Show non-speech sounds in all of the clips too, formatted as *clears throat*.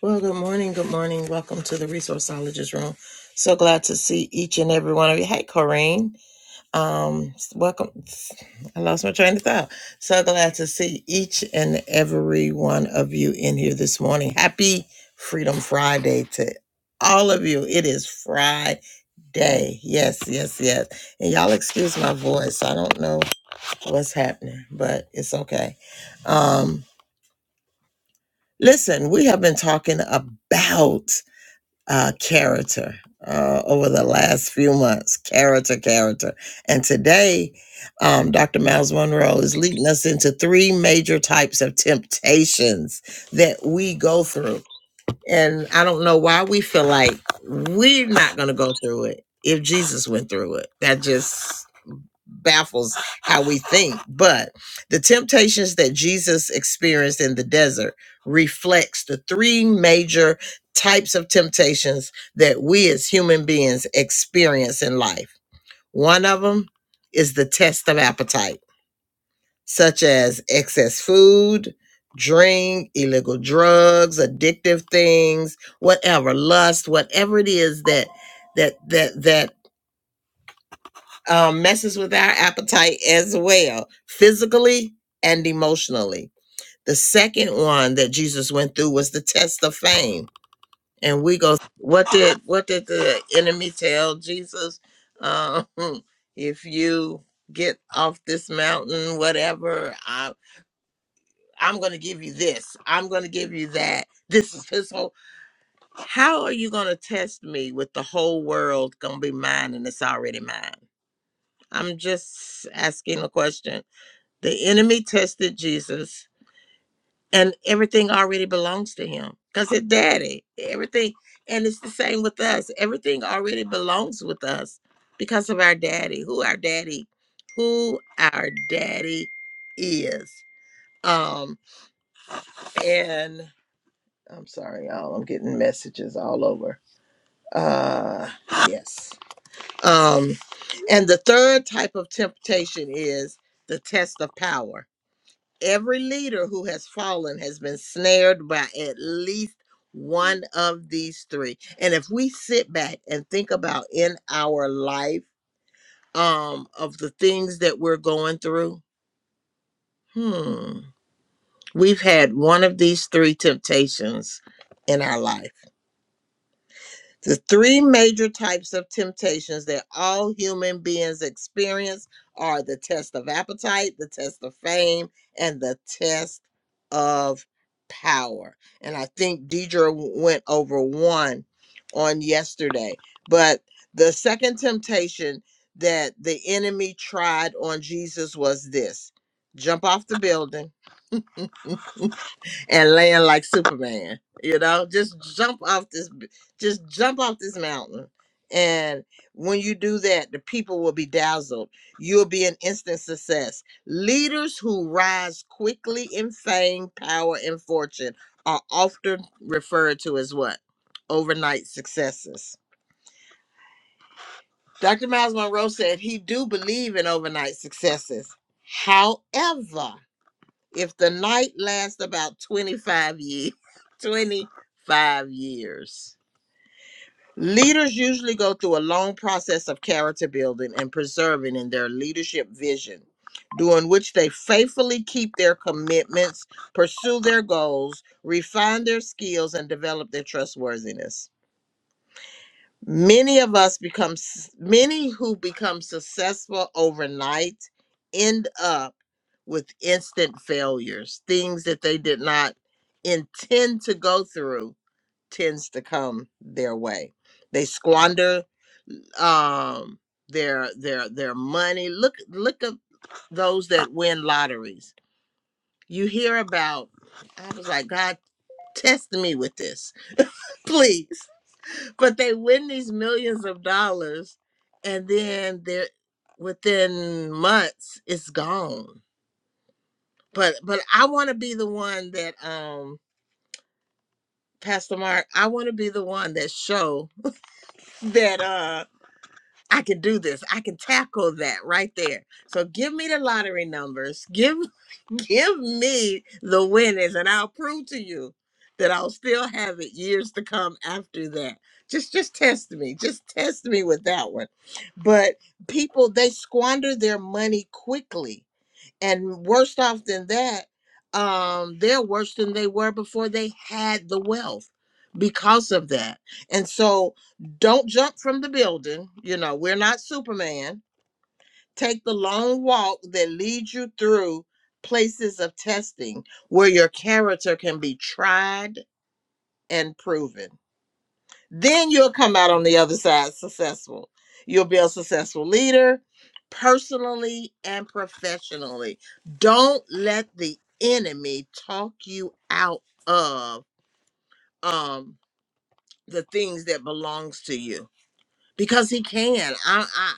Well, good morning. Good morning. Welcome to the Resourceologist Room. So glad to see each and every one of you. Hey, Corrine. Um, welcome. I lost my train of thought. So glad to see each and every one of you in here this morning. Happy Freedom Friday to all of you. It is Friday. Yes, yes, yes. And y'all excuse my voice. I don't know what's happening, but it's okay. Um, listen, we have been talking about uh, character uh, over the last few months. Character, character. And today, um, Dr. Miles Monroe is leading us into three major types of temptations that we go through. And I don't know why we feel like we're not going to go through it if Jesus went through it. That just baffles how we think but the temptations that jesus experienced in the desert reflects the three major types of temptations that we as human beings experience in life one of them is the test of appetite such as excess food drink illegal drugs addictive things whatever lust whatever it is that that that that um, messes with our appetite as well, physically and emotionally. The second one that Jesus went through was the test of fame, and we go, "What did what did the enemy tell Jesus? Um, *laughs* if you get off this mountain, whatever, I, I'm going to give you this. I'm going to give you that. This is his whole. How are you going to test me with the whole world going to be mine and it's already mine?" I'm just asking a question The enemy tested Jesus, and everything already belongs to him because his daddy, everything. And it's the same with us. Everything already belongs with us because of our daddy, who our daddy, who our daddy is. Um, and I'm sorry, y'all, I'm getting messages all over. Uh, yes. Um, and the third type of temptation is the test of power Every leader who has fallen has been snared by at least one of these three. And if we sit back and think about in our life um of the things that we're going through, hmm, we've had one of these three temptations in our life. The three major types of temptations that all human beings experience are the test of appetite, the test of fame, and the test of power. And I think Deidre w- went over one on yesterday. But the second temptation that the enemy tried on Jesus was this jump off the building and land like Superman. You know, just jump off this, b- just jump off this mountain. And when you do that, the people will be dazzled. You'll be an instant success. Leaders who rise quickly in fame, power, and fortune are often referred to as what? Overnight successes. Dr. Miles Monroe said he do believe in overnight successes. However, if the night lasts about 25 years, *laughs* 25 years. Leaders usually go through a long process of character building and preserving in their leadership vision, during which they faithfully keep their commitments, pursue their goals, refine their skills, and develop their trustworthiness. Many of us become many who become successful overnight end up with instant failures, things that they did not intend to go through tends to come their way. They squander um their their their money. Look look at those that win lotteries. You hear about I was like, God test me with this, *laughs* please. But they win these millions of dollars and then they're within months it's gone but but I want to be the one that um Pastor Mark, I want to be the one that show that uh I can do this. I can tackle that right there. So give me the lottery numbers. Give *laughs* give me the winners and I'll prove to you that I'll still have it years to come after that. Just just test me. Just test me with that one. But people they squander their money quickly and worse off than that um they're worse than they were before they had the wealth because of that and so don't jump from the building you know we're not superman take the long walk that leads you through places of testing where your character can be tried and proven then you'll come out on the other side successful. You'll be a successful leader personally and professionally. Don't let the enemy talk you out of um the things that belongs to you because he can. I, I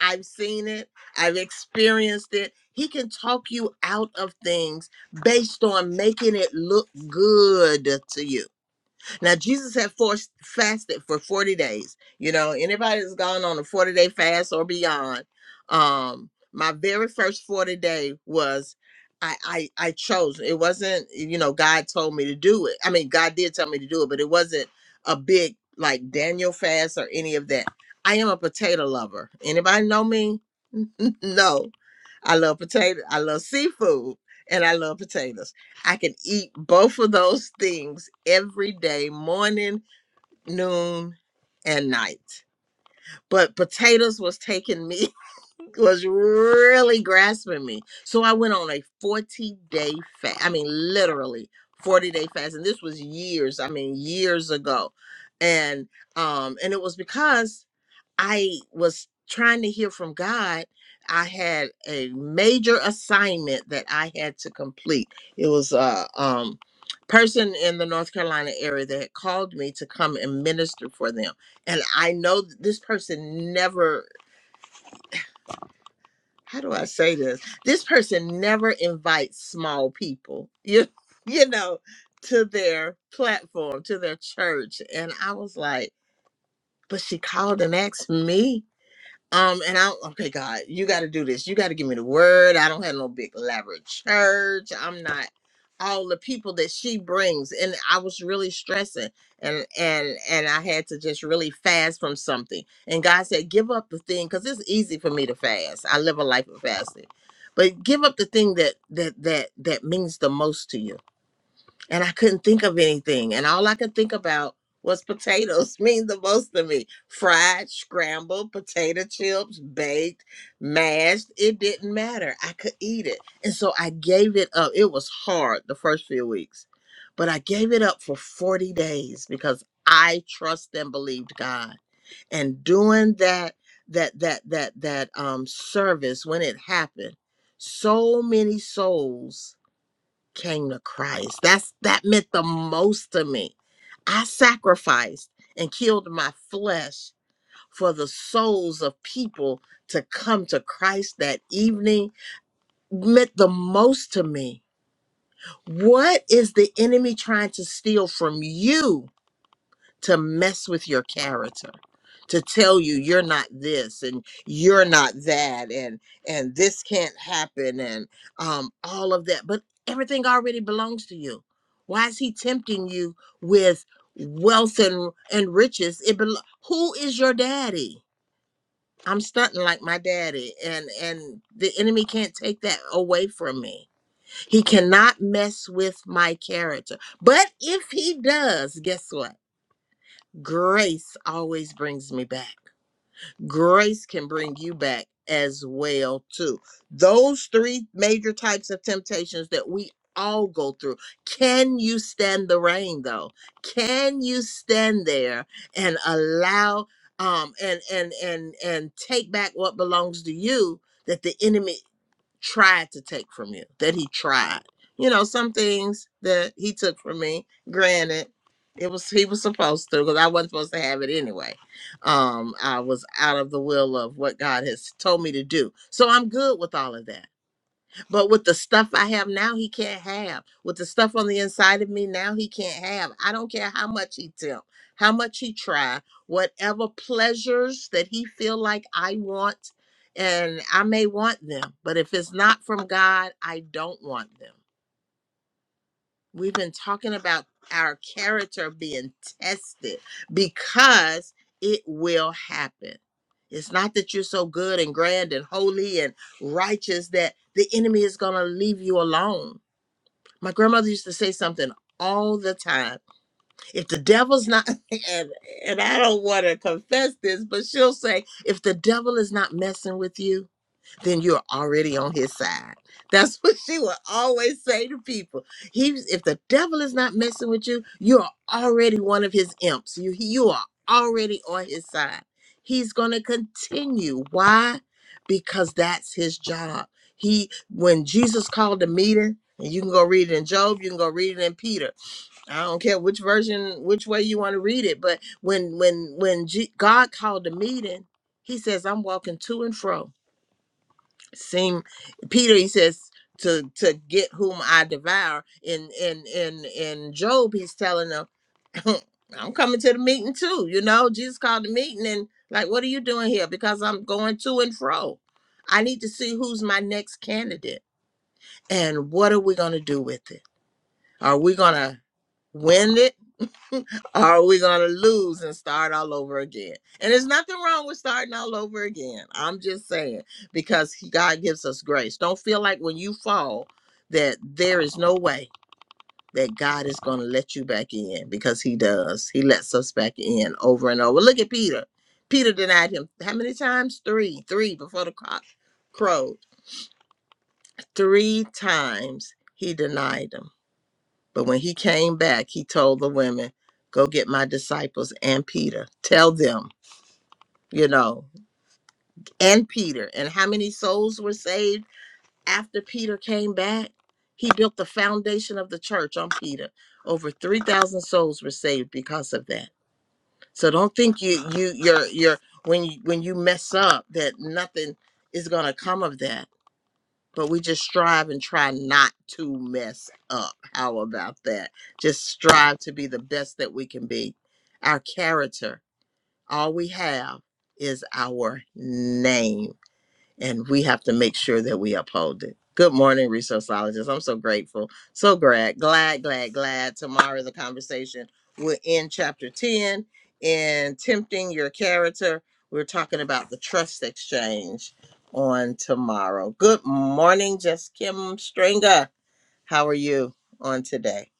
I've seen it. I've experienced it. He can talk you out of things based on making it look good to you now Jesus had forced, fasted for 40 days. You know, anybody that's gone on a 40 day fast or beyond, um, my very first 40 day was I, I I chose. It wasn't, you know, God told me to do it. I mean, God did tell me to do it, but it wasn't a big like Daniel fast or any of that. I am a potato lover. Anybody know me? *laughs* no. I love potato. I love seafood and I love potatoes. I can eat both of those things every day, morning, noon, and night. But potatoes was taking me was really grasping me. So I went on a 40 day fast. I mean, literally 40 day fast. And this was years, I mean, years ago. And um, and it was because I was trying to hear from God. I had a major assignment that I had to complete. It was a um, person in the North Carolina area that had called me to come and minister for them. And I know th- this person never how do I say this? This person never invites small people, you, *laughs* you know, to their platform, to their church. And I was like, but she called and asked me um, and I okay, God, you got to do this. You got to give me the word. I don't have no big elaborate church. I'm not all the people that she brings, and I was really stressing, and and and I had to just really fast from something. And God said, give up the thing, because it's easy for me to fast. I live a life of fasting, but give up the thing that that that that means the most to you and I couldn't think of anything. And all I could think about was potatoes *laughs* mean the most to me. Fried, scrambled, potato chips, baked, mashed. It didn't matter. I could eat it. And so I gave it up. It was hard the first few weeks, but I gave it up for 40 days because I trust and believed God. And doing that, that, that, that, that um service when it happened, so many souls came to Christ. That's that meant the most to me. I sacrificed and killed my flesh for the souls of people to come to Christ that evening meant the most to me. What is the enemy trying to steal from you? to mess with your character to tell you you're not this and you're not that and and this can't happen and um all of that but everything already belongs to you why is he tempting you with wealth and and riches it belo- who is your daddy i'm stunting like my daddy and and the enemy can't take that away from me he cannot mess with my character but if he does guess what grace always brings me back grace can bring you back as well too those three major types of temptations that we all go through can you stand the rain though can you stand there and allow um and and and and take back what belongs to you that the enemy tried to take from you, that he tried. You know, some things that he took from me, granted, it was he was supposed to because I wasn't supposed to have it anyway. Um, I was out of the will of what God has told me to do. So I'm good with all of that. But with the stuff I have now, he can't have. With the stuff on the inside of me now, he can't have. I don't care how much he tempt, how much he try, whatever pleasures that he feel like I want, and I may want them, but if it's not from God, I don't want them. We've been talking about our character being tested because it will happen. It's not that you're so good and grand and holy and righteous that the enemy is going to leave you alone. My grandmother used to say something all the time. If the devil's not, *laughs* and, and I don't want to confess this, but she'll say, if the devil is not messing with you, then you're already on his side. That's *laughs* what she will always say to people. He's if the devil is not messing with you, you are already one of his imps. You you are already on his side. He's going to continue. Why? Because that's his job. He when Jesus called the meeting, and you can go read it in Job, you can go read it in Peter. I don't care which version, which way you want to read it, but when when when G- God called the meeting, he says, "I'm walking to and fro." seem peter he says to to get whom i devour in in in in job he's telling them *clears throat* i'm coming to the meeting too you know jesus called the meeting and like what are you doing here because i'm going to and fro i need to see who's my next candidate and what are we going to do with it are we going to win it *laughs* are we going to lose and start all over again? And there's nothing wrong with starting all over again. I'm just saying because he- God gives us grace. Don't feel like when you fall that there is no way that God is going to let you back in because he does. He lets us back in over and over. Look at Peter. Peter denied him how many times? 3. 3 before the cock crowed. 3 times he denied him. But when he came back, he told the women, Go get my disciples and Peter. Tell them, you know, and Peter. And how many souls were saved after Peter came back? He built the foundation of the church on Peter. Over 3,000 souls were saved because of that. So don't think you you you're you're when you when you mess up that nothing is gonna come of that but we just strive and try not to mess up. How about that? Just strive to be the best that we can be. Our character, all we have is our name and we have to make sure that we uphold it. Good morning, resourceologists. I'm so grateful, so glad, glad, glad, glad. Tomorrow the conversation will end chapter 10 in tempting your character. We're talking about the trust exchange on tomorrow. Good morning, Jess Kim Stringer. How are you on today?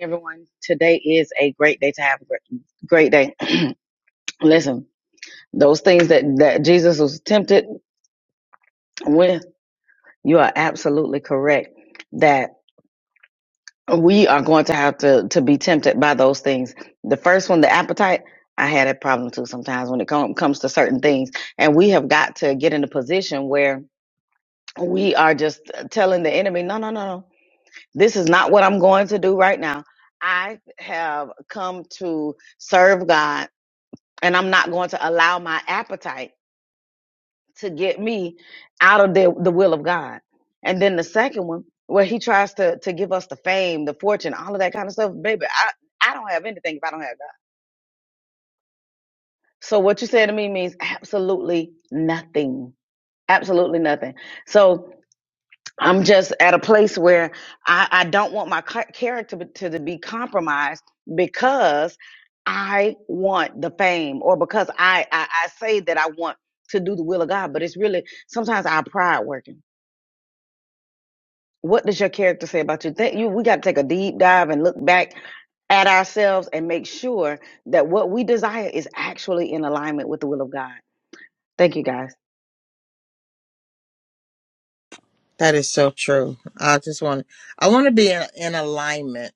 everyone. Today is a great day to have a great, great day. *clears throat* Listen, those things that, that Jesus was tempted with, you are absolutely correct that we are going to have to, to be tempted by those things. The first one, the appetite, I had a problem too sometimes when it com- comes to certain things. And we have got to get in a position where we are just telling the enemy, no, no, no, no. This is not what I'm going to do right now. I have come to serve God and I'm not going to allow my appetite to get me out of the, the will of God. And then the second one, where he tries to to give us the fame, the fortune, all of that kind of stuff, baby, I I don't have anything if I don't have God. So what you said to me means absolutely nothing, absolutely nothing. So I'm just at a place where I, I don't want my ca- character to, to be compromised because I want the fame or because I, I, I say that I want to do the will of God, but it's really sometimes our pride working. What does your character say about you? That you we got to take a deep dive and look back at ourselves and make sure that what we desire is actually in alignment with the will of God. Thank you, guys. That is so true. I just want I want to be in alignment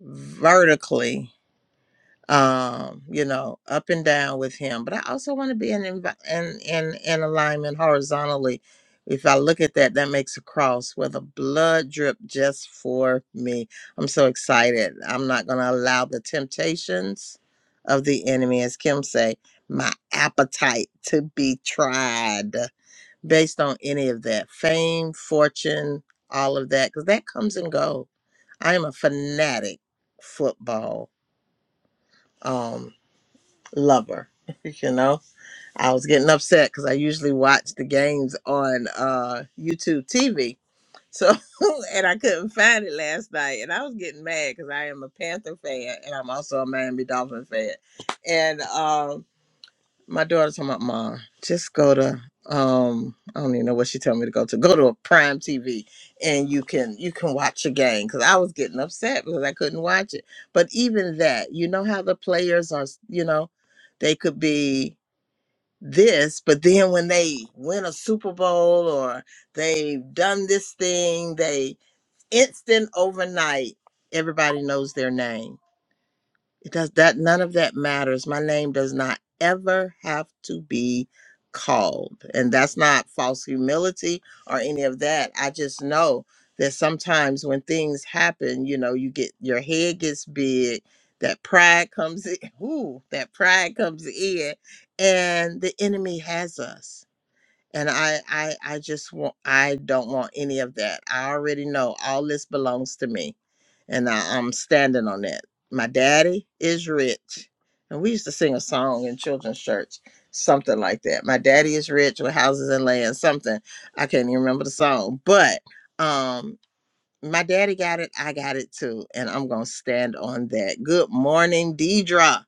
vertically um you know up and down with him but i also want to be in envi- in in in alignment horizontally if i look at that that makes a cross with a blood drip just for me i'm so excited i'm not going to allow the temptations of the enemy as kim say my appetite to be tried based on any of that fame fortune all of that because that comes and go i am a fanatic football Um lover. *laughs* you know, I was getting upset because I usually watch the games on uh, YouTube TV. So, *laughs* and I couldn't find it last night, and I was getting mad because I am a Panther fan, and I'm also a Miami Dolphin fan, and um, my daughter's talking about mom. Just go to um I don't even know what she told me to go to. Go to a Prime TV and you can you can watch a game because I was getting upset because I couldn't watch it. But even that, you know how the players are. You know, they could be this, but then when they win a Super Bowl or they've done this thing, they instant overnight everybody knows their name it does that none of that matters. My name does not ever have to be called. And that's not false humility or any of that. I just know that sometimes when things happen, you know, you get your head gets big, that pride comes in. *laughs* Ooh, that pride comes in and the enemy has us and I, I i just want i don't want any of that i already know all this belongs to me and I, i'm standing on that my daddy is rich and we used to sing a song in children's church something like that my daddy is rich with houses and land something i can't even remember the song but um my daddy got it i got it too and i'm gonna stand on that good morning deidra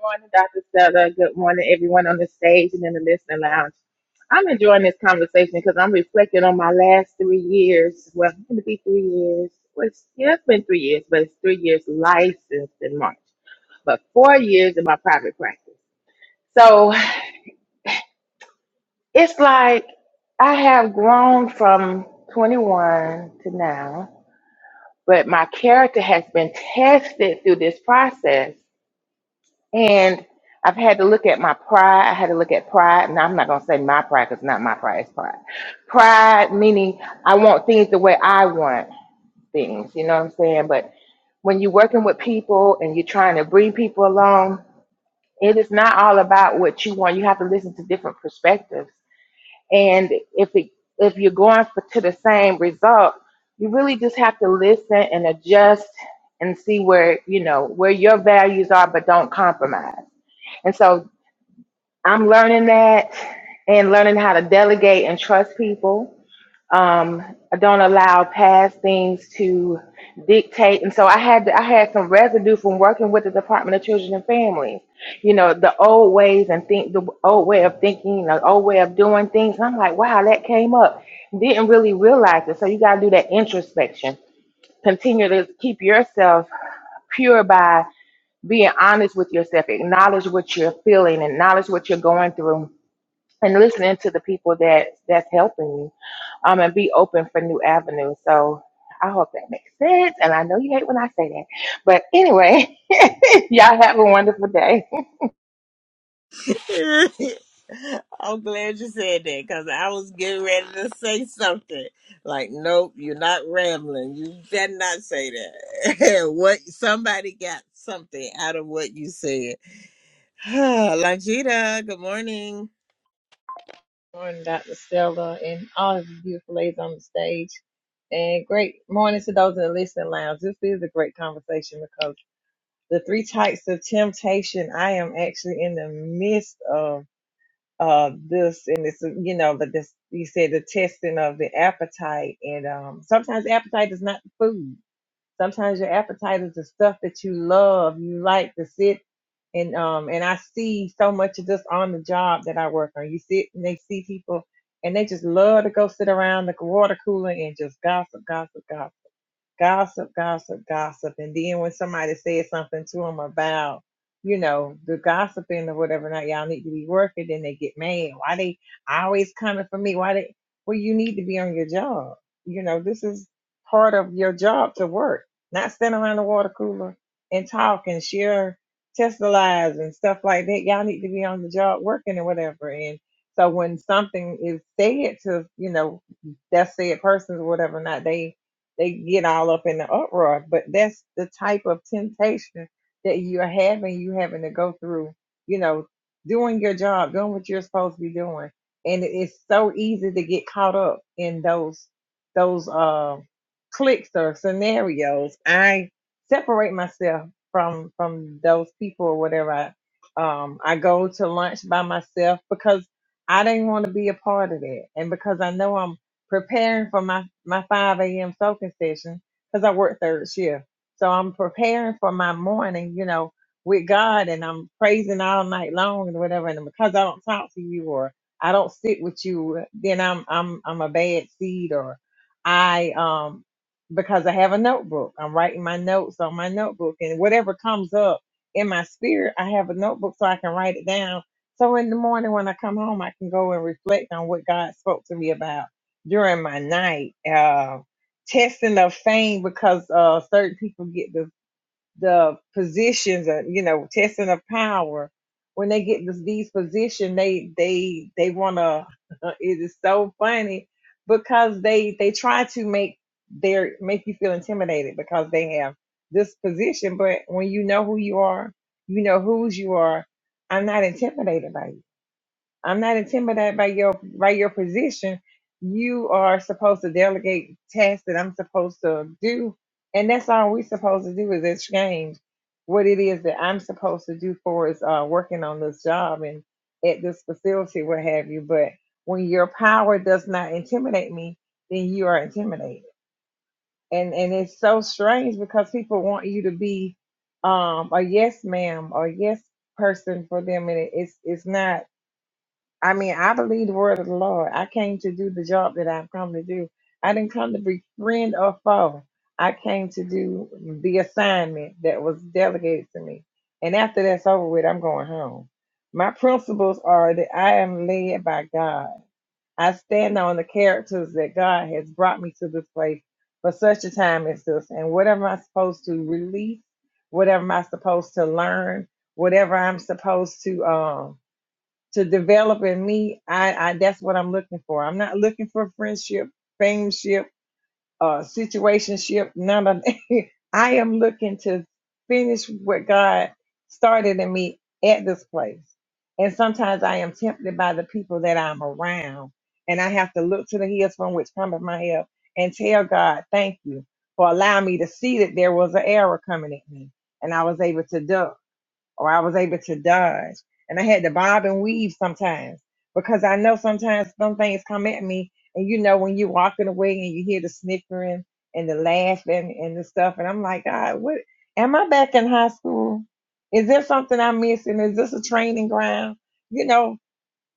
morning, Dr. Stella. Good morning, everyone on the stage and in the listening lounge. I'm enjoying this conversation because I'm reflecting on my last three years. Well, it's going to be three years. Well, it's, yeah, it's been three years, but it's three years licensed in March, but four years in my private practice. So it's like I have grown from 21 to now, but my character has been tested through this process And I've had to look at my pride. I had to look at pride. Now, I'm not going to say my pride because it's not my pride, it's pride. Pride, meaning I want things the way I want things. You know what I'm saying? But when you're working with people and you're trying to bring people along, it is not all about what you want. You have to listen to different perspectives. And if it, if you're going for, to the same result, you really just have to listen and adjust and see where you know where your values are, but don't compromise. And so I'm learning that and learning how to delegate and trust people. Um, I don't allow past things to dictate, and so I had I had some residue from working with the Department of Children and Families. You know, the old ways and think the old way of thinking, the old way of doing things. And I'm like, wow, that came up. Didn't really realize it. So you got to do that introspection. Continue to keep yourself pure by being honest with yourself. Acknowledge what you're feeling. Acknowledge what you're going through and listening to the people that that's helping you um and be open for new avenues so i hope that makes sense and i know you hate when i say that but anyway *laughs* y'all have a wonderful day *laughs* I'm glad you said that because I was getting ready to say something like, "Nope, you're not rambling. You better not say that." *laughs* what somebody got something out of what you said. *sighs* Langita, good morning. morning, Dr. Stella, and all of the beautiful ladies on the stage. And great morning to those in the listening lounge. This is a great conversation because the three types of temptation, I am actually in the midst of uh this and it's you know but this you said the testing of the appetite and um sometimes appetite is not the food Sometimes your appetite is the stuff that you love, you like to sit and um and I see so much of this on the job that I work on. You sit and they see people and they just love to go sit around the water cooler and just gossip, gossip, gossip gossip, gossip, gossip. And then when somebody says something to them about, you know, the gossiping or whatever, now y'all need to be working, then they get mad. Why they always coming for me? Why they, well, you need to be on your job. You know, this is part of your job to work, not stand around the water cooler and talk and share Tesla lies and stuff like that. Y'all need to be on the job working and whatever. And so when something is said to, you know, that said person or whatever, not they they get all up in the uproar. But that's the type of temptation that you're having. You having to go through, you know, doing your job, doing what you're supposed to be doing, and it- it's so easy to get caught up in those those uh, clicks or scenarios. I separate myself from from those people or whatever. I, um, I go to lunch by myself because I didn't want to be a part of that, and because I know I'm preparing for my, my 5 a.m. soaking session because I work third shift. So I'm preparing for my morning, you know, with God and I'm praising all night long and whatever. And because I don't talk to you or I don't sit with you, then I'm, I'm, I'm a bad seed or I, um, because I have a notebook, I'm writing my notes on my notebook and whatever comes up in my spirit, I have a notebook so I can write it down. So in the morning when I come home, I can go and reflect on what God spoke to me about during my night, uh, testing of fame because uh, certain people get the the positions, uh, you know, testing of power. When they get this, these positions, they they they wanna. *laughs* it is so funny because they they try to make their make you feel intimidated because they have this position, but when you know who you are, you know whose you are. I'm not intimidated by you. I'm not intimidated by your by your position. You are supposed to delegate tasks that I'm supposed to do, and that's all we're supposed to do is exchange what it is that I'm supposed to do for is uh, working on this job and at this facility, what have you. But when your power does not intimidate me, then you are intimidated, and and it's so strange because people want you to be um, a yes ma'am or yes person for them, and it, it's it's not. I mean, I believe the word of the Lord. I came to do the job that I've come to do. I didn't come to be friend or foe. I came to do the assignment that was delegated to me. And after that's over with, I'm going home. My principles are that I am led by God. I stand on the characters that God has brought me to this place for such a time as this. And whatever I'm supposed to release, whatever I'm supposed to learn, whatever I'm supposed to um to develop in me, I, I that's what I'm looking for. I'm not looking for friendship, fameship, uh, situationship, none of. *laughs* I am looking to finish what God started in me at this place. And sometimes I am tempted by the people that I'm around, and I have to look to the hills from which cometh my help, and tell God, "Thank you for allowing me to see that there was an error coming at me, and I was able to duck." or I was able to dodge. And I had to bob and weave sometimes because I know sometimes some things come at me. And you know, when you're walking away and you hear the snickering and the laughing and the stuff, and I'm like, God, what? Am I back in high school? Is there something I'm missing? Is this a training ground? You know,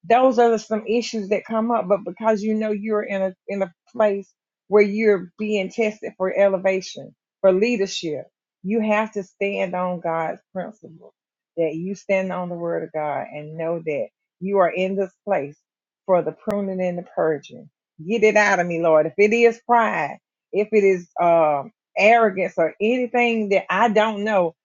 those are some issues that come up but because you know you're in a in a place where you're being tested for elevation for leadership you have to stand on god's principle that you stand on the word of god and know that you are in this place for the pruning and the purging get it out of me lord if it is pride if it is um arrogance or anything that i don't know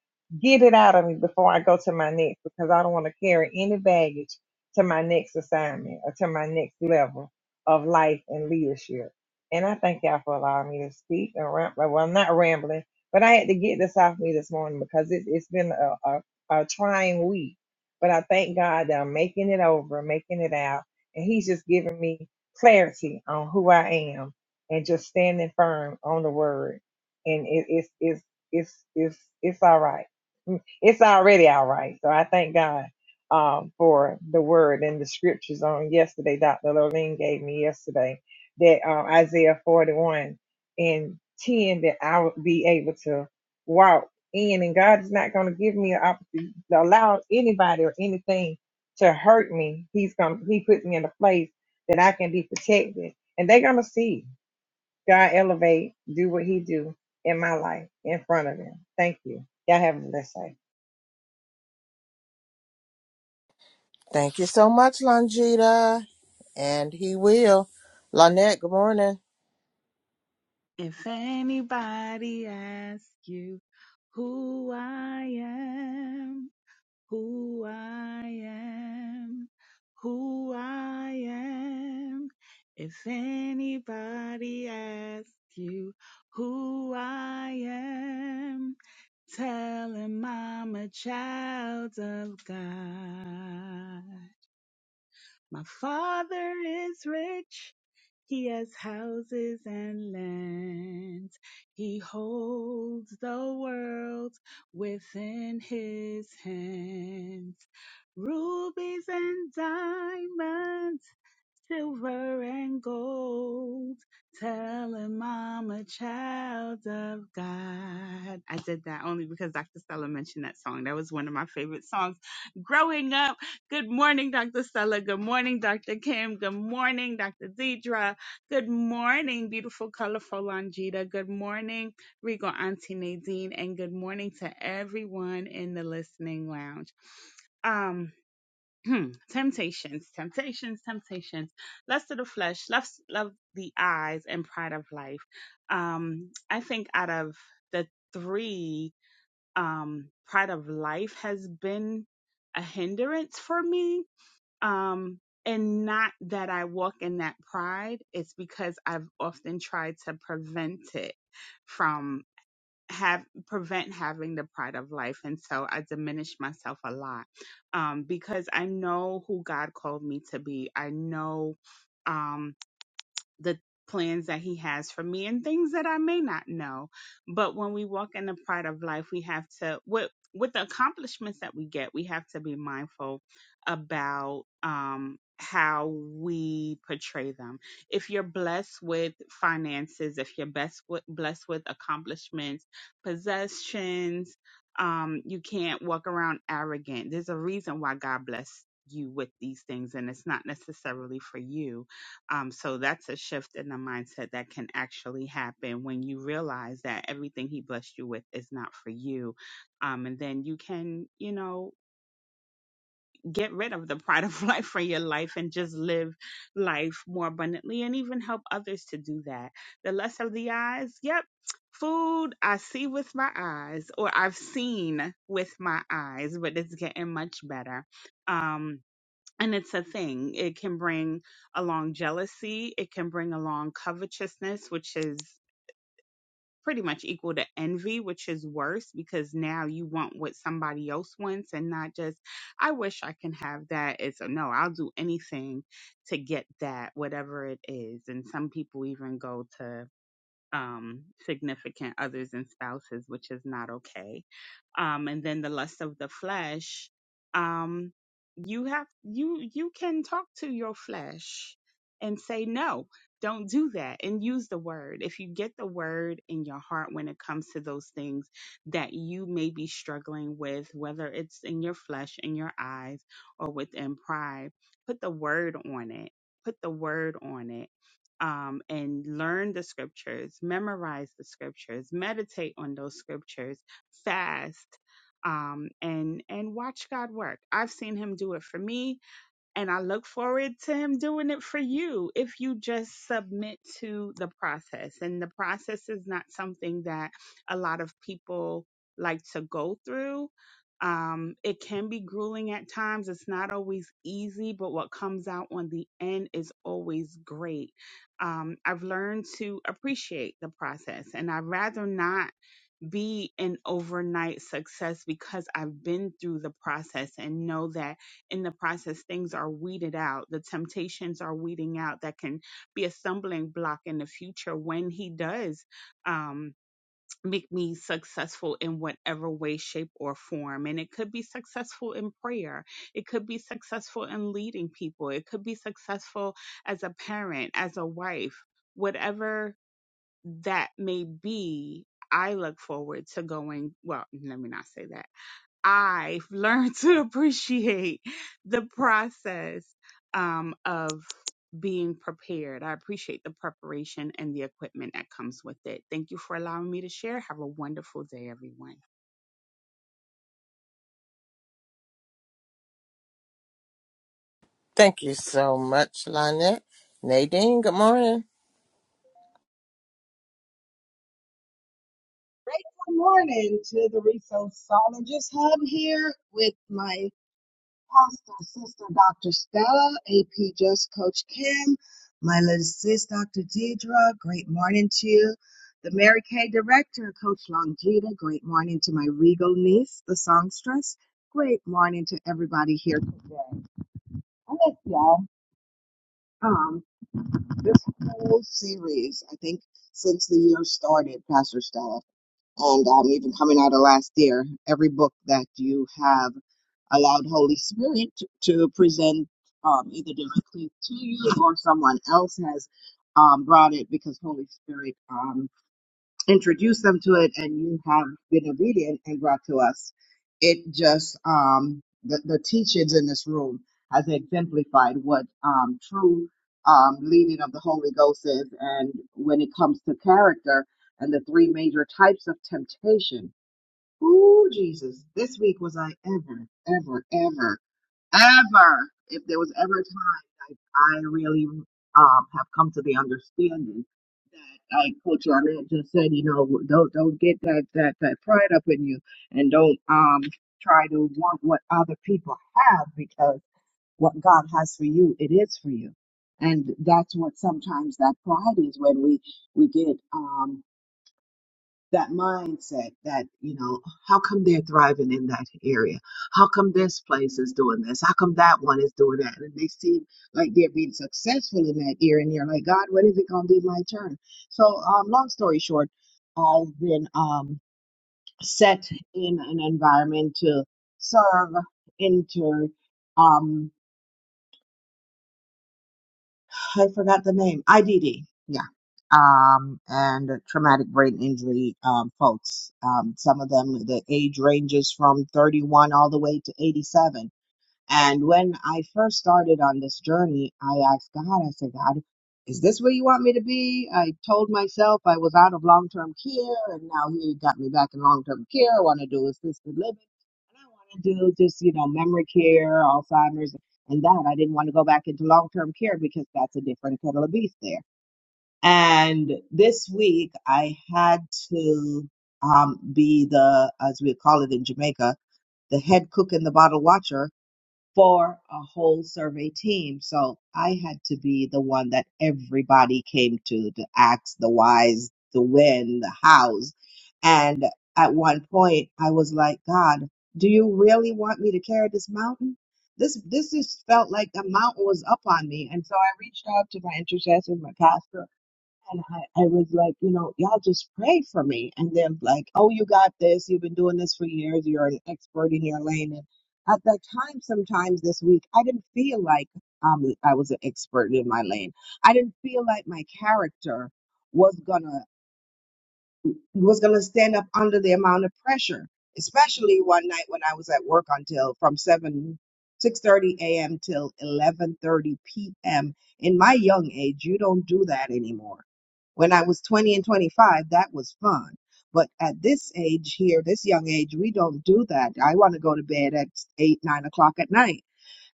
get it out of me before i go to my next because i don't want to carry any baggage to my next assignment or to my next level of life and leadership. And I thank y'all for allowing me to speak and ramble. Well, I'm not rambling, but I had to get this off me this morning because it, it's been a, a, a trying week. But I thank God that I'm making it over, making it out. And He's just giving me clarity on who I am and just standing firm on the word. And it, it's, it's, it's, it's, it's all right. Mm, It's already all right. So I thank God um, for the word and the scriptures on yesterday. Dr. Lorraine gave me yesterday that um, Isaiah 41 and 10 that I would be able to walk in, and God is not going to give me an opportunity to allow anybody or anything to hurt me. He's going to He puts me in a place that I can be protected, and they're going to see God elevate, do what He do in my life in front of them. Thank you. Y'all have a blessed day. Thank you so much, Longita. And he will. Lynette, good morning. If anybody asks you who I am, who I am, who I am, if anybody asks you who I am, tell him I'm a child of God. My father is rich. He has houses and lands. He holds the world within his hands. Rubies and diamonds silver and gold. Telling mama, child of God. I did that only because Dr. Stella mentioned that song. That was one of my favorite songs growing up. Good morning, Dr. Stella. Good morning, Dr. Kim. Good morning, Dr. Deidra. Good morning, beautiful, colorful Longita. Good morning, Regal Auntie Nadine. And good morning to everyone in the listening lounge. Um, Hmm, temptations, temptations, temptations, lust of the flesh, lust of the eyes, and pride of life. Um, I think out of the three, um, pride of life has been a hindrance for me. Um, and not that I walk in that pride, it's because I've often tried to prevent it from have prevent having the pride of life and so i diminish myself a lot um because i know who god called me to be i know um, the plans that he has for me and things that I may not know. But when we walk in the pride of life, we have to with with the accomplishments that we get, we have to be mindful about um how we portray them. If you're blessed with finances, if you're best with, blessed with accomplishments, possessions, um, you can't walk around arrogant. There's a reason why God blessed you with these things, and it's not necessarily for you um, so that's a shift in the mindset that can actually happen when you realize that everything he blessed you with is not for you. Um, and then you can, you know, get rid of the pride of *laughs* life from your life and just live life more abundantly and even help others to do that. The lust of the eyes, yep. Food I see with my eyes, or I've seen with my eyes, but it's getting much better. Um, and it's a thing it can bring along jealousy it can bring along covetousness which is pretty much equal to envy which is worse because now you want what somebody else wants and not just i wish i can have that it's a no i'll do anything to get that whatever it is and some people even go to um, significant others and spouses, which is not okay. Um, and then the lust of the flesh, um, you have you you can talk to your flesh and say no, don't do that, and use the word. If you get the word in your heart when it comes to those things that you may be struggling with, whether it's in your flesh, in your eyes, or within pride, put the word on it. Put the word on it um, and learn the scriptures, memorize the scriptures, meditate on those scriptures, fast, um, and and watch God work. I've seen Him do it for me. And I look forward to him doing it for you if you just submit to the process. And the process is not something that a lot of people like to go through. Um, it can be grueling at times. It's not always easy, but what comes out on the end is always great. Um, I've learned to appreciate the process, and I'd rather not be an overnight success because I've been through the process and know that in the process, things are weeded out. The temptations are weeding out that can be a stumbling block in the future when He does um, make me successful in whatever way, shape, or form. And it could be successful in prayer, it could be successful in leading people, it could be successful as a parent, as a wife, whatever that may be. I look forward to going, well, let me not say that. I've learned *laughs* to appreciate the process um, of being prepared. I appreciate the preparation and the equipment that comes with it. Thank you for allowing me to share. Have a wonderful day, everyone. Thank you so much, Lynette. Nadine, good morning. Good morning to the Resourceologist Hub here with my pastor sister, Dr. Stella, AP Just Coach Kim, my little sis, Dr. Deidra. Great morning to you. The Mary Kay director, Coach Longita. Great morning to my regal niece, the songstress. Great morning to everybody here today. I miss y'all. Um, this whole series, I think, since the year started, Pastor Stella. And um, even coming out of last year, every book that you have allowed Holy Spirit to present um, either directly to you or someone else has um, brought it because Holy Spirit. um, introduced them to it and you have been obedient and brought to us it just um the, the teachings in this room has exemplified what um true um leading of the holy ghost is and when it comes to character and the three major types of temptation Ooh, Jesus. This week was I ever, ever, ever, ever, if there was ever a time I, I really um have come to the understanding that like Coach Arnett just said, you know, don't don't get that that that pride up in you and don't um try to want what other people have because what God has for you, it is for you. And that's what sometimes that pride is when we we get um that mindset that you know how come they're thriving in that area how come this place is doing this how come that one is doing that and they seem like they're being successful in that area and you're like god when is it going to be my turn so um long story short i've been um set in an environment to serve enter um I forgot the name. IDD. Yeah. Um, and traumatic brain injury um, folks. Um, some of them, the age ranges from 31 all the way to 87 and when I first started on this journey, I asked God, I said, God, is this where you want me to be? I told myself I was out of long term care, and now He got me back in long term care. I want to do assisted living, and I want to do just, you know, memory care, Alzheimer's, and that. I didn't want to go back into long term care because that's a different kettle of beef there. And this week, I had to um, be the, as we call it in Jamaica, the head cook and the bottle watcher for a whole survey team. So I had to be the one that everybody came to to ask the whys, the when, the hows. And at one point, I was like, God, do you really want me to carry this mountain? This this just felt like a mountain was up on me. And so I reached out to my intercessors, my pastor, and I, I was like, you know, y'all just pray for me. And they're like, oh, you got this. You've been doing this for years. You're an expert in your lane. And at that time, sometimes this week, I didn't feel like um, I was an expert in my lane. I didn't feel like my character was gonna was going to stand up under the amount of pressure especially one night when i was at work until from 7 6:30 a.m. till 11:30 p.m. in my young age you don't do that anymore when i was 20 and 25 that was fun but at this age here this young age we don't do that i want to go to bed at 8 9 o'clock at night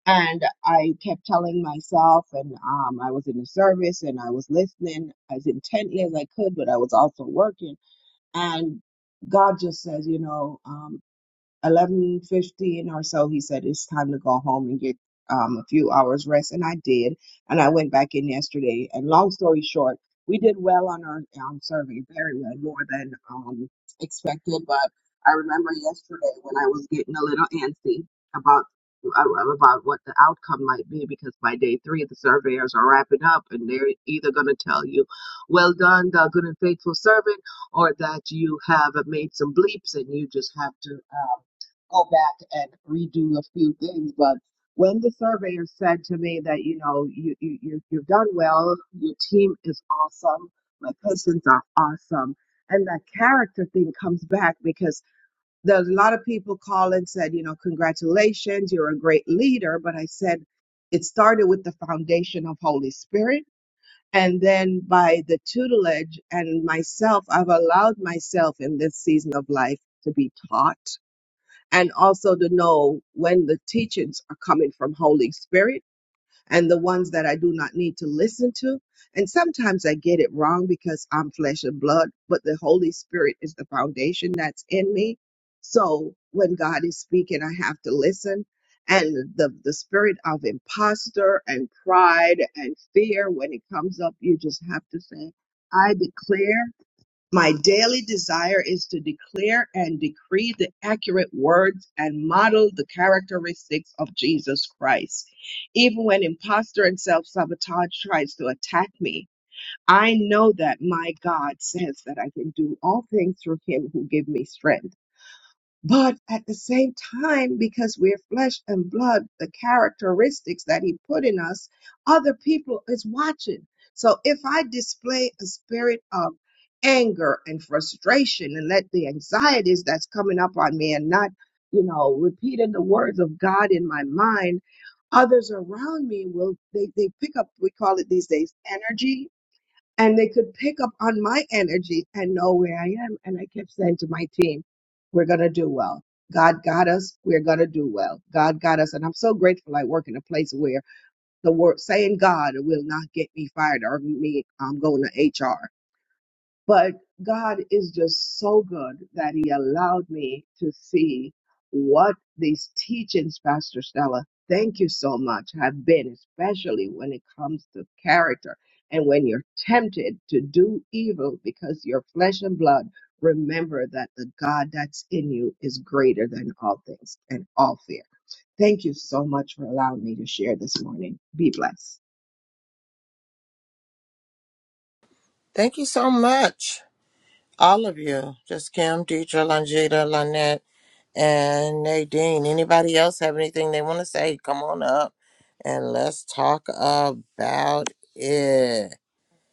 and i kept telling myself and um, i was in the service and i was listening as intently as i could but i was also working and God just says, you know, um, eleven fifteen or so, he said it's time to go home and get um, a few hours rest, and I did. And I went back in yesterday. And long story short, we did well on our um, survey, very well, more than um, expected. But I remember yesterday when I was getting a little antsy about uh, about what the outcome might be, because by day three the surveyors are wrapping up, and they're either going to tell you, "Well done, thou good and faithful servant," or that you have made some bleeps and you just have to uh, go back and redo a few things. But when the surveyor said to me that, you know, you, you, you, you've done well, your team is awesome, my patients are awesome. And that character thing comes back because there's a lot of people call and said, you know, congratulations, you're a great leader. But I said, it started with the foundation of Holy Spirit. And then by the tutelage and myself, I've allowed myself in this season of life to be taught and also to know when the teachings are coming from Holy Spirit and the ones that I do not need to listen to. And sometimes I get it wrong because I'm flesh and blood, but the Holy Spirit is the foundation that's in me. So when God is speaking, I have to listen. And the, the spirit of imposter and pride and fear, when it comes up, you just have to say, I declare my daily desire is to declare and decree the accurate words and model the characteristics of Jesus Christ. Even when imposter and self sabotage tries to attack me, I know that my God says that I can do all things through him who gives me strength. But at the same time, because we're flesh and blood, the characteristics that he put in us, other people is watching. So if I display a spirit of anger and frustration and let the anxieties that's coming up on me and not, you know, repeating the words of God in my mind, others around me will, they, they pick up, we call it these days energy and they could pick up on my energy and know where I am. And I kept saying to my team, we're going to do well. God got us. We're going to do well. God got us. And I'm so grateful I work in a place where the word saying God will not get me fired or me um, going to HR. But God is just so good that He allowed me to see what these teachings, Pastor Stella, thank you so much, have been, especially when it comes to character and when you're tempted to do evil because your flesh and blood. Remember that the God that's in you is greater than all things and all fear. Thank you so much for allowing me to share this morning. Be blessed. Thank you so much. All of you. Just Kim, Deidre, Longita, Lynette. and Nadine. Anybody else have anything they want to say? Come on up and let's talk about it.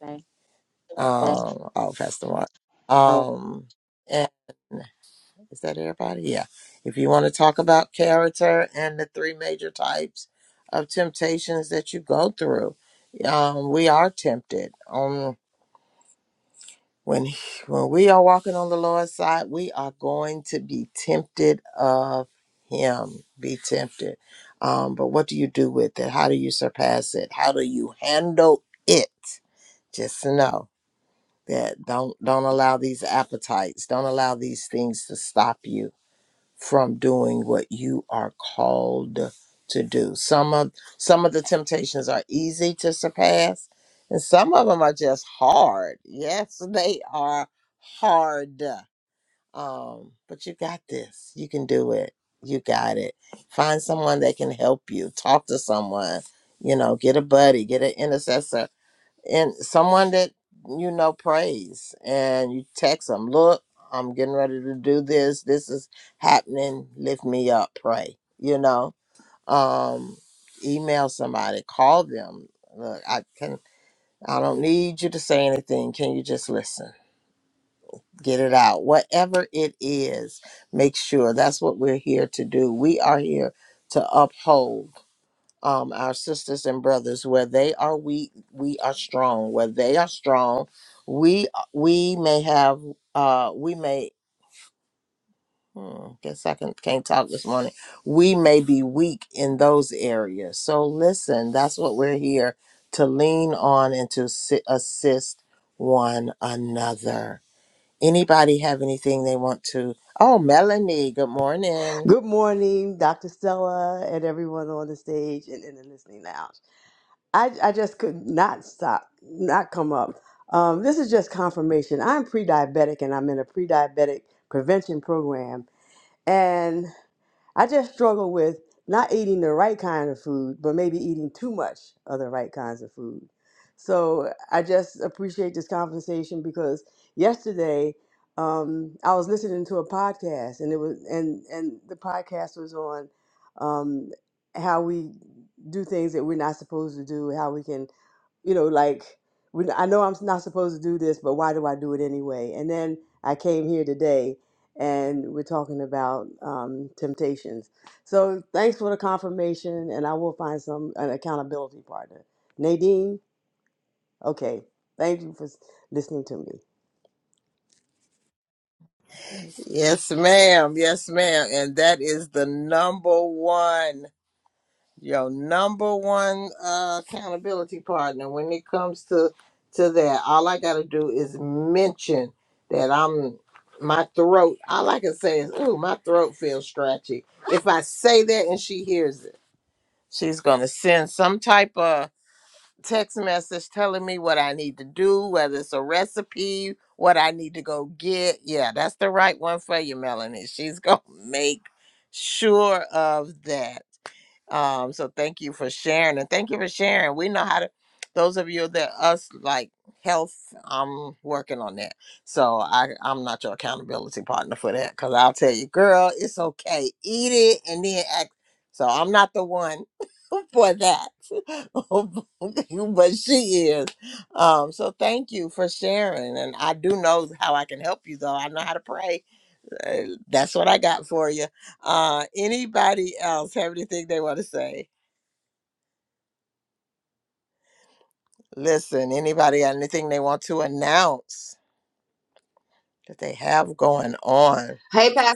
Okay. Um, oh, Pastor Mark. Um, and is that everybody? Yeah. If you want to talk about character and the three major types of temptations that you go through, um, we are tempted. When, he- when we are walking on the Lord's side, we are going to be tempted of Him. Be tempted. Um, but what do you do with it? How do you surpass it? How do you handle it? Just know that don't don't allow these appetites, don't allow these things to stop you from doing what you are called to do. Some of some of the temptations are easy to surpass, and some of them are just hard. Yes, *laughs* they are hard. Um, but you got this. You can do it. You got it. Find someone that can help you. Talk to someone. You know, get a buddy, get an intercessor and someone that you know prays and you text them look i'm getting ready to do this this is happening lift me up pray you know um email somebody call them look i can i don't need you to say anything can you just listen get it out whatever it is make sure that's what we're here to do we are here to uphold um, our sisters and brothers where they are weak we are strong where they are strong we uh, we may have uh we may hmm, guess i can, can't talk this morning we may be weak in those areas so listen that's what we're here to lean on and to si- assist one another anybody have anything they want to oh melanie good morning Good morning, Dr. Stella, and everyone on the stage and in the listening lounge. I, I just could not stop, not come up. Um, this is just confirmation. I'm pre diabetic and I'm in a pre diabetic prevention program. And I just struggle with not eating the right kind of food, but maybe eating too much of the right kinds of food. So I just appreciate this conversation because yesterday um, I was listening to a podcast, and it was and and the podcast was on um, how we do things that we're not supposed to do, how we can you know, like when I know I'm not supposed to do this, but why do I do it anyway? And then I came here today, and we're talking about um, temptations. So thanks for the confirmation, and I will find some an accountability partner. Nadine, okay, thank you for s- listening to me. yes ma'am yes ma'am and that is the number one your number one uh, accountability partner when it comes to to that all i gotta do is mention that i'm my throat all i can say is ooh my throat feels scratchy if i say that and she hears it she's gonna send some type of text message telling me what i need to do whether it's a recipe what i need to go get yeah that's the right one for you melanie she's gonna *laughs* make sure of that um, so thank you for sharing and thank you for sharing. We know how to those of you that us like health, I'm working on that. So I, I'm not your accountability partner for that because I'll tell you, girl, it's okay. Eat it and then act. So I'm not the one *laughs* for that. *laughs* but she is. Um, so thank you for sharing. And I do know how I can help you though. I know how to pray uh, that's what I got for you. Uh, anybody else have anything they want to say? Listen, anybody got anything they want to announce that they have going on? Hey, Pastor.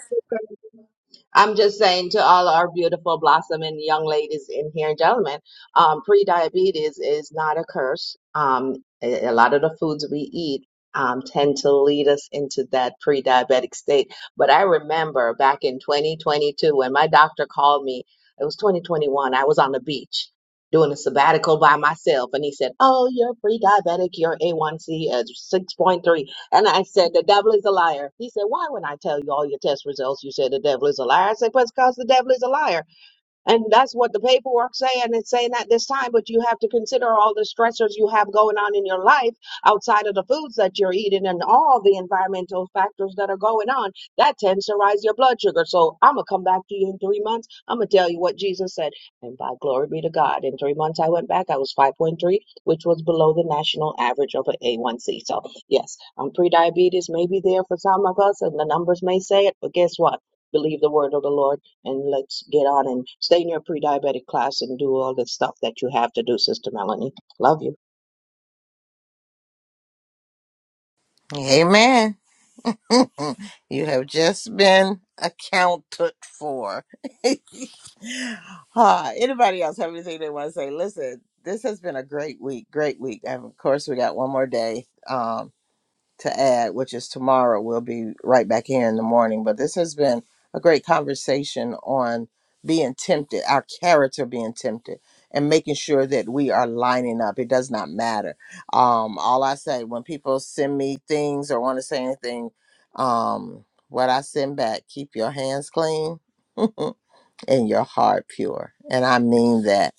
I'm just saying to all our beautiful blossoming young ladies in here and gentlemen, um, pre-diabetes is not a curse. Um, a a lot of the foods we eat um, tend to lead us into that pre-diabetic state. But I remember back in 2022 when my doctor called me, it was 2021, I was on the beach doing a sabbatical by myself, and he said, "Oh, you're pre-diabetic. Your A1C is 6.3." And I said, The devil is a liar. He said, Why, when I tell you all your test results, you said the devil is a liar? I said, Because the devil is a liar. And that's what the paperwork saying. It's saying at this time, but you have to consider all the stressors you have going on in your life outside of the foods that you're eating and all the environmental factors that are going on. That tends to rise your blood sugar. So I'm gonna come back to you in three months. I'm gonna tell you what Jesus said. And by glory be to God, in three months I went back. I was 5.3, which was below the national average of an A1C. So yes, um, pre-diabetes may be there for some of us, and the numbers may say it. But guess what? Believe the word of the Lord and let's get on and stay in your pre-diabetic class and do all the stuff that you have to do, Sister Melanie. Love you. Amen. *laughs* you have just been accounted for. *laughs* Ah, anybody else have anything they want to say? Listen, this has been a great week. Great week. And of course, we got one more day. Um, to add, which is tomorrow. We'll be right back here in the morning. But this has been a great conversation on being tempted, our character being tempted, and making sure that we are lining up. It does not matter. Um, all I say when people send me things or want to say anything, um, what I send back, keep your hands clean *laughs* and your heart pure. And I mean that.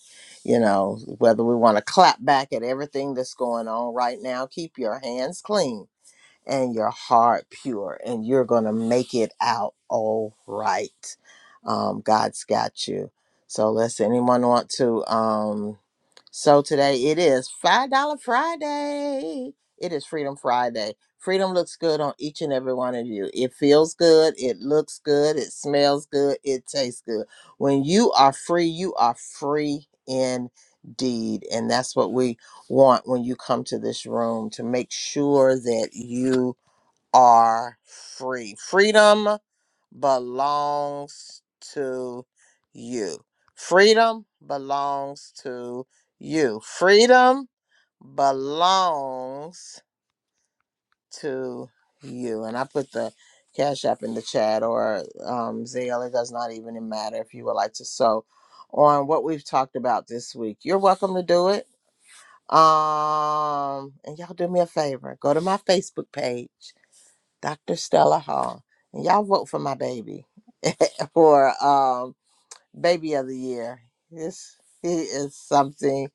You know, whether we want to clap back at everything that's going on right now, keep your hands clean and your heart pure, and you're going to make it out all right. Um, God's got you. So, let's anyone want to? Um, so, today it is $5 Friday. It is Freedom Friday. Freedom looks good on each and every one of you. It feels good. It looks good. It smells good. It tastes good. When you are free, you are free indeed. And that's what we want when you come to this room to make sure that you are free. Freedom belongs to you. Freedom belongs to you. Freedom belongs to you. And I put the cash app in the chat or um, Zale. It does not even matter if you would like to sew on what we've talked about this week. You're welcome to do it. Um, and y'all do me a favor. Go to my Facebook page Dr. Stella Hall. And y'all vote for my baby *laughs* for um baby of the year. This he is something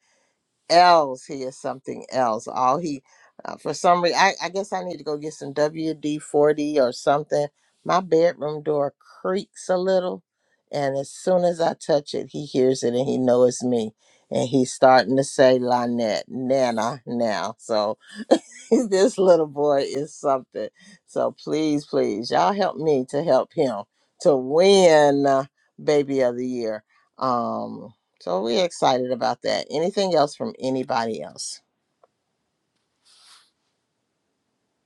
else. He is something else. All he uh, for some reason I, I guess I need to go get some WD forty or something. My bedroom door creaks a little and as soon as I touch it he hears it and he knows it's me. And he's starting to say Lynette, Nana now. So *laughs* this little boy is something. So please, please, y'all help me to help him to win uh, Baby of the Year. Um, so we're excited about that. Anything else from anybody else?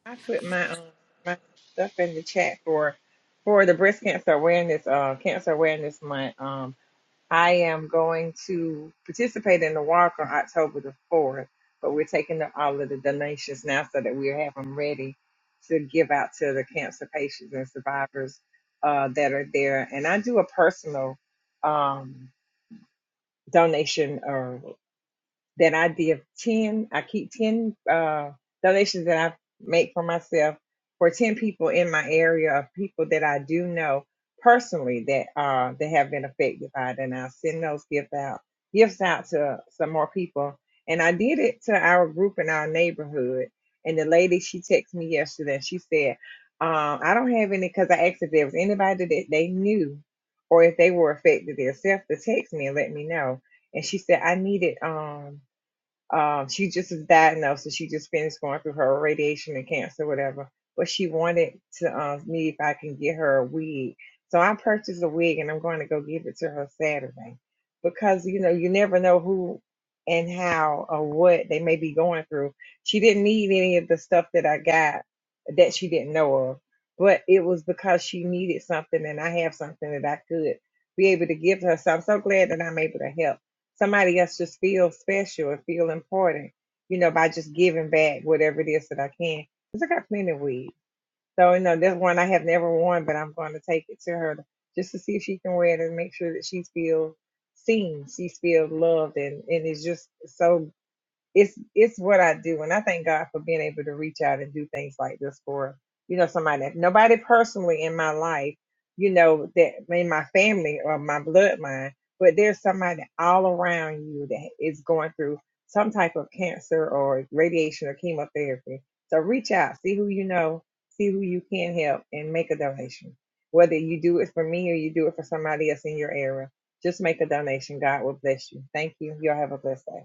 I put my um my stuff in the chat for for the breast cancer awareness uh cancer awareness month. Um, I am going to participate in the walk on October the fourth, but we're taking the, all of the donations now so that we have them ready to give out to the cancer patients and survivors uh that are there. And I do a personal um donation then I give 10, I keep 10 uh, donations that I make for myself for 10 people in my area of people that I do know personally that uh, that have been affected by it. And I send those gifts out, gifts out to some more people. And I did it to our group in our neighborhood. And the lady, she texted me yesterday and she said, um, I don't have any because I asked if there was anybody that they knew or if they were affected themselves to text me and let me know and she said I needed um um, she just was diagnosed, so she just finished going through her radiation and cancer, whatever. But she wanted to uh, me if I can get her a wig. So I purchased a wig, and I'm going to go give it to her Saturday because you know you never know who and how or what they may be going through. She didn't need any of the stuff that I got that she didn't know of, but it was because she needed something, and I have something that I could be able to give her. So I'm so glad that I'm able to help somebody else just feel special and feel important, you know, by just giving back whatever it is that I can. Because I got plenty of weed. So, you know, there's one I have never worn, but I'm going to take it to her to- just to see if she can wear it and make sure that she feels seen, she feels loved, and, and it's just so it's it's what I do, and I thank God for being able to reach out and do things like this for you know somebody that nobody personally in my life, you know that in my family or my bloodline, but there's somebody all around you that is going through some type of cancer or radiation or chemotherapy. So reach out, see who you know, see who you can help, and make a donation. Whether you do it for me or you do it for somebody else in your area, just make a donation. God will bless you. Thank you. Y'all have a blessed day.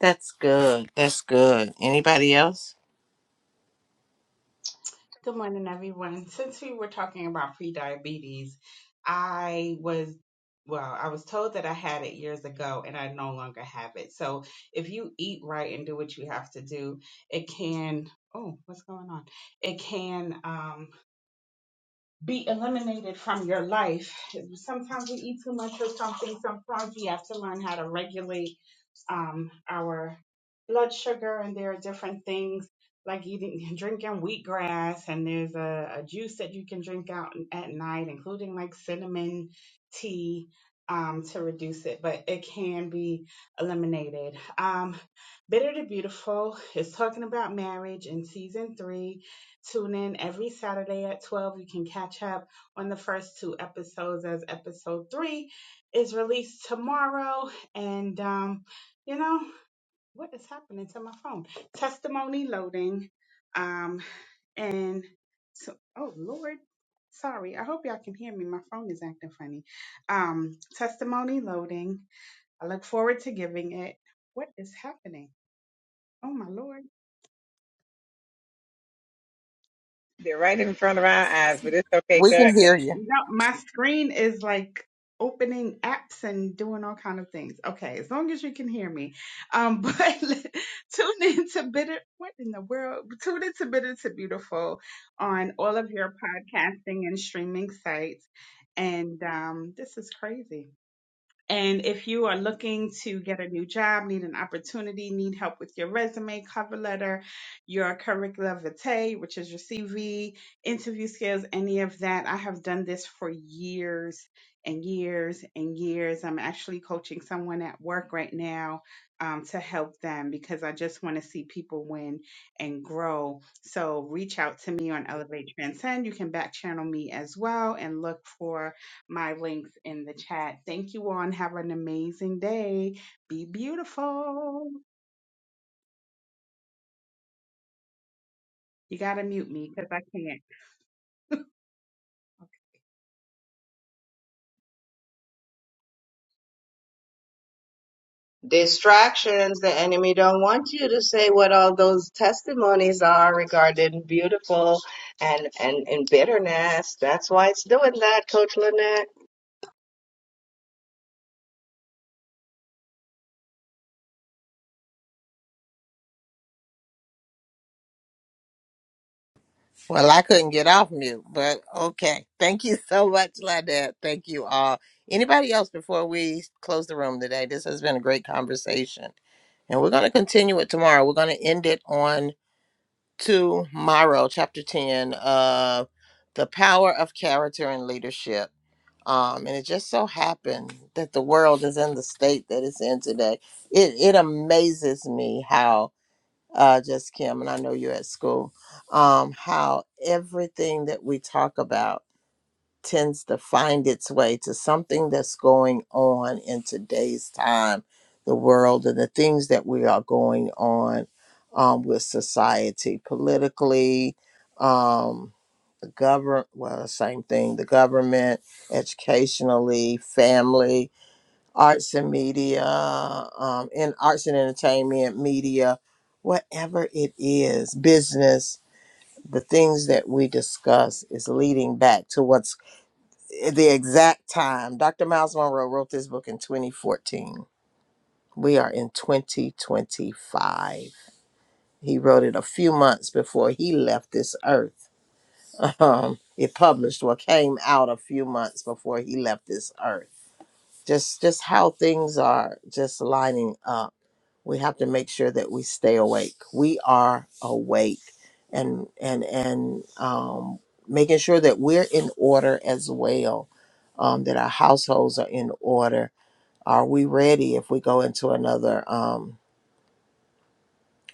That's good. That's good. Anybody else? Good morning, everyone. Since we were talking about prediabetes, I was well, I was told that I had it years ago and I no longer have it. So if you eat right and do what you have to do, it can oh, what's going on? It can um be eliminated from your life. Sometimes we eat too much of something. Sometimes we have to learn how to regulate um, our blood sugar, and there are different things like eating, *laughs* drinking wheatgrass, and there's a, a juice that you can drink out at night, including like cinnamon tea um, to reduce it, but it can be eliminated. Um, Bitter to Beautiful is talking about marriage in season three. Tune in every Saturday at 12. You can catch up on the first two episodes as episode three is released tomorrow. And um, you know what is happening to my phone testimony loading um and so oh lord sorry i hope y'all can hear me my phone is acting funny um testimony loading i look forward to giving it what is happening oh my lord They're right in front of our eyes, but it's okay, We can God. hear you. No, my screen is like opening apps and doing all kind of things. Okay, as long as you can hear me. Um, *laughs* but tune in to Bitter. What in the world? Tune in to Bitter to Beautiful on all of your podcasting and streaming sites. And um, this is crazy. And if you are looking to get a new job, need an opportunity, need help with your resume, cover letter, your curricula vitae, which is your CV, interview skills, any of that, I have done this for years and years and years. I'm actually coaching someone at work right now um, to help them because I just want to see people win and grow. So reach out to me on Elevate Transcend. You can back channel me as well and look for my links in the chat. Thank you all and have an amazing day. Be beautiful. You got to mute me because I can't. Distractions. The enemy don't want you to say what all those testimonies are regarding beautiful and and and bitterness. That's why it's doing that, Coach Lynette. Well, I couldn't get off mute, but okay. Thank you *laughs* so much, Lynette. Thank you all. Anybody else before we close the room today? This has been a great conversation. And we're going to continue it tomorrow. We're going to end it on tomorrow, chapter 10 of The Power of Character and Leadership. Um, and it just so happened that the world is in the state that it's in today. It, it amazes me how, uh, just Kim, and I know you're at school, um, how everything that we talk about tends to find its way to something that's going on in today's time, the world, and the things that we are going on um, with society, politically, um, the government, well, same thing, the government, educationally, family, arts and media, um, in arts and entertainment, media, whatever it is, business, the things that we discuss is leading back to what's the exact time. Dr. Miles Monroe wrote this book in 2014. We are in 2025. He wrote it a few months before he left this earth. *laughs* Um, it published or came out a few months before he left this earth just just how things are just lining up we have to make sure that we stay awake we are awake and and and um, making sure that we're in order as well um, that our households are in order are we ready if we go into another um,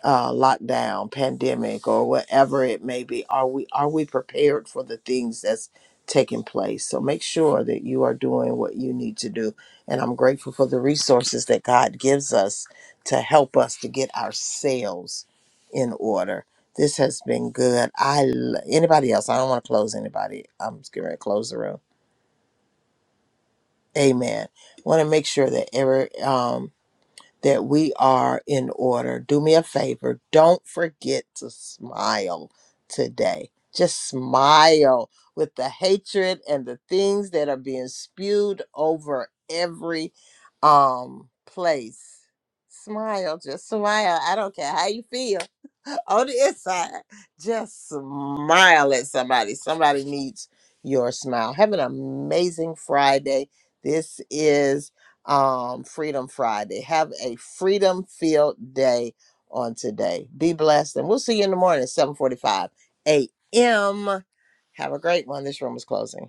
uh, lockdown, pandemic, or whatever it may be, are we are we prepared for the things that's taking place? So make sure that you are doing what you need to do. And I'm grateful for the resources that God gives us to help us to get ourselves in order. This has been good. I l- anybody else? I don't want to close anybody. I'm just going to close the room. Amen. Want to make sure that every um, that we are in order. Do me a favor, don't forget to smile today. Just smile with the hatred and the things that are being spewed over every um place. Smile, just smile. I don't care how you feel *laughs* on the inside. Just smile at somebody. Somebody needs your smile. Have an amazing Friday. This is um, Freedom Friday. Have a freedom filled day on today. Be blessed, and we'll see you in the morning at 7:45 a.m. Have a great one. This room is closing.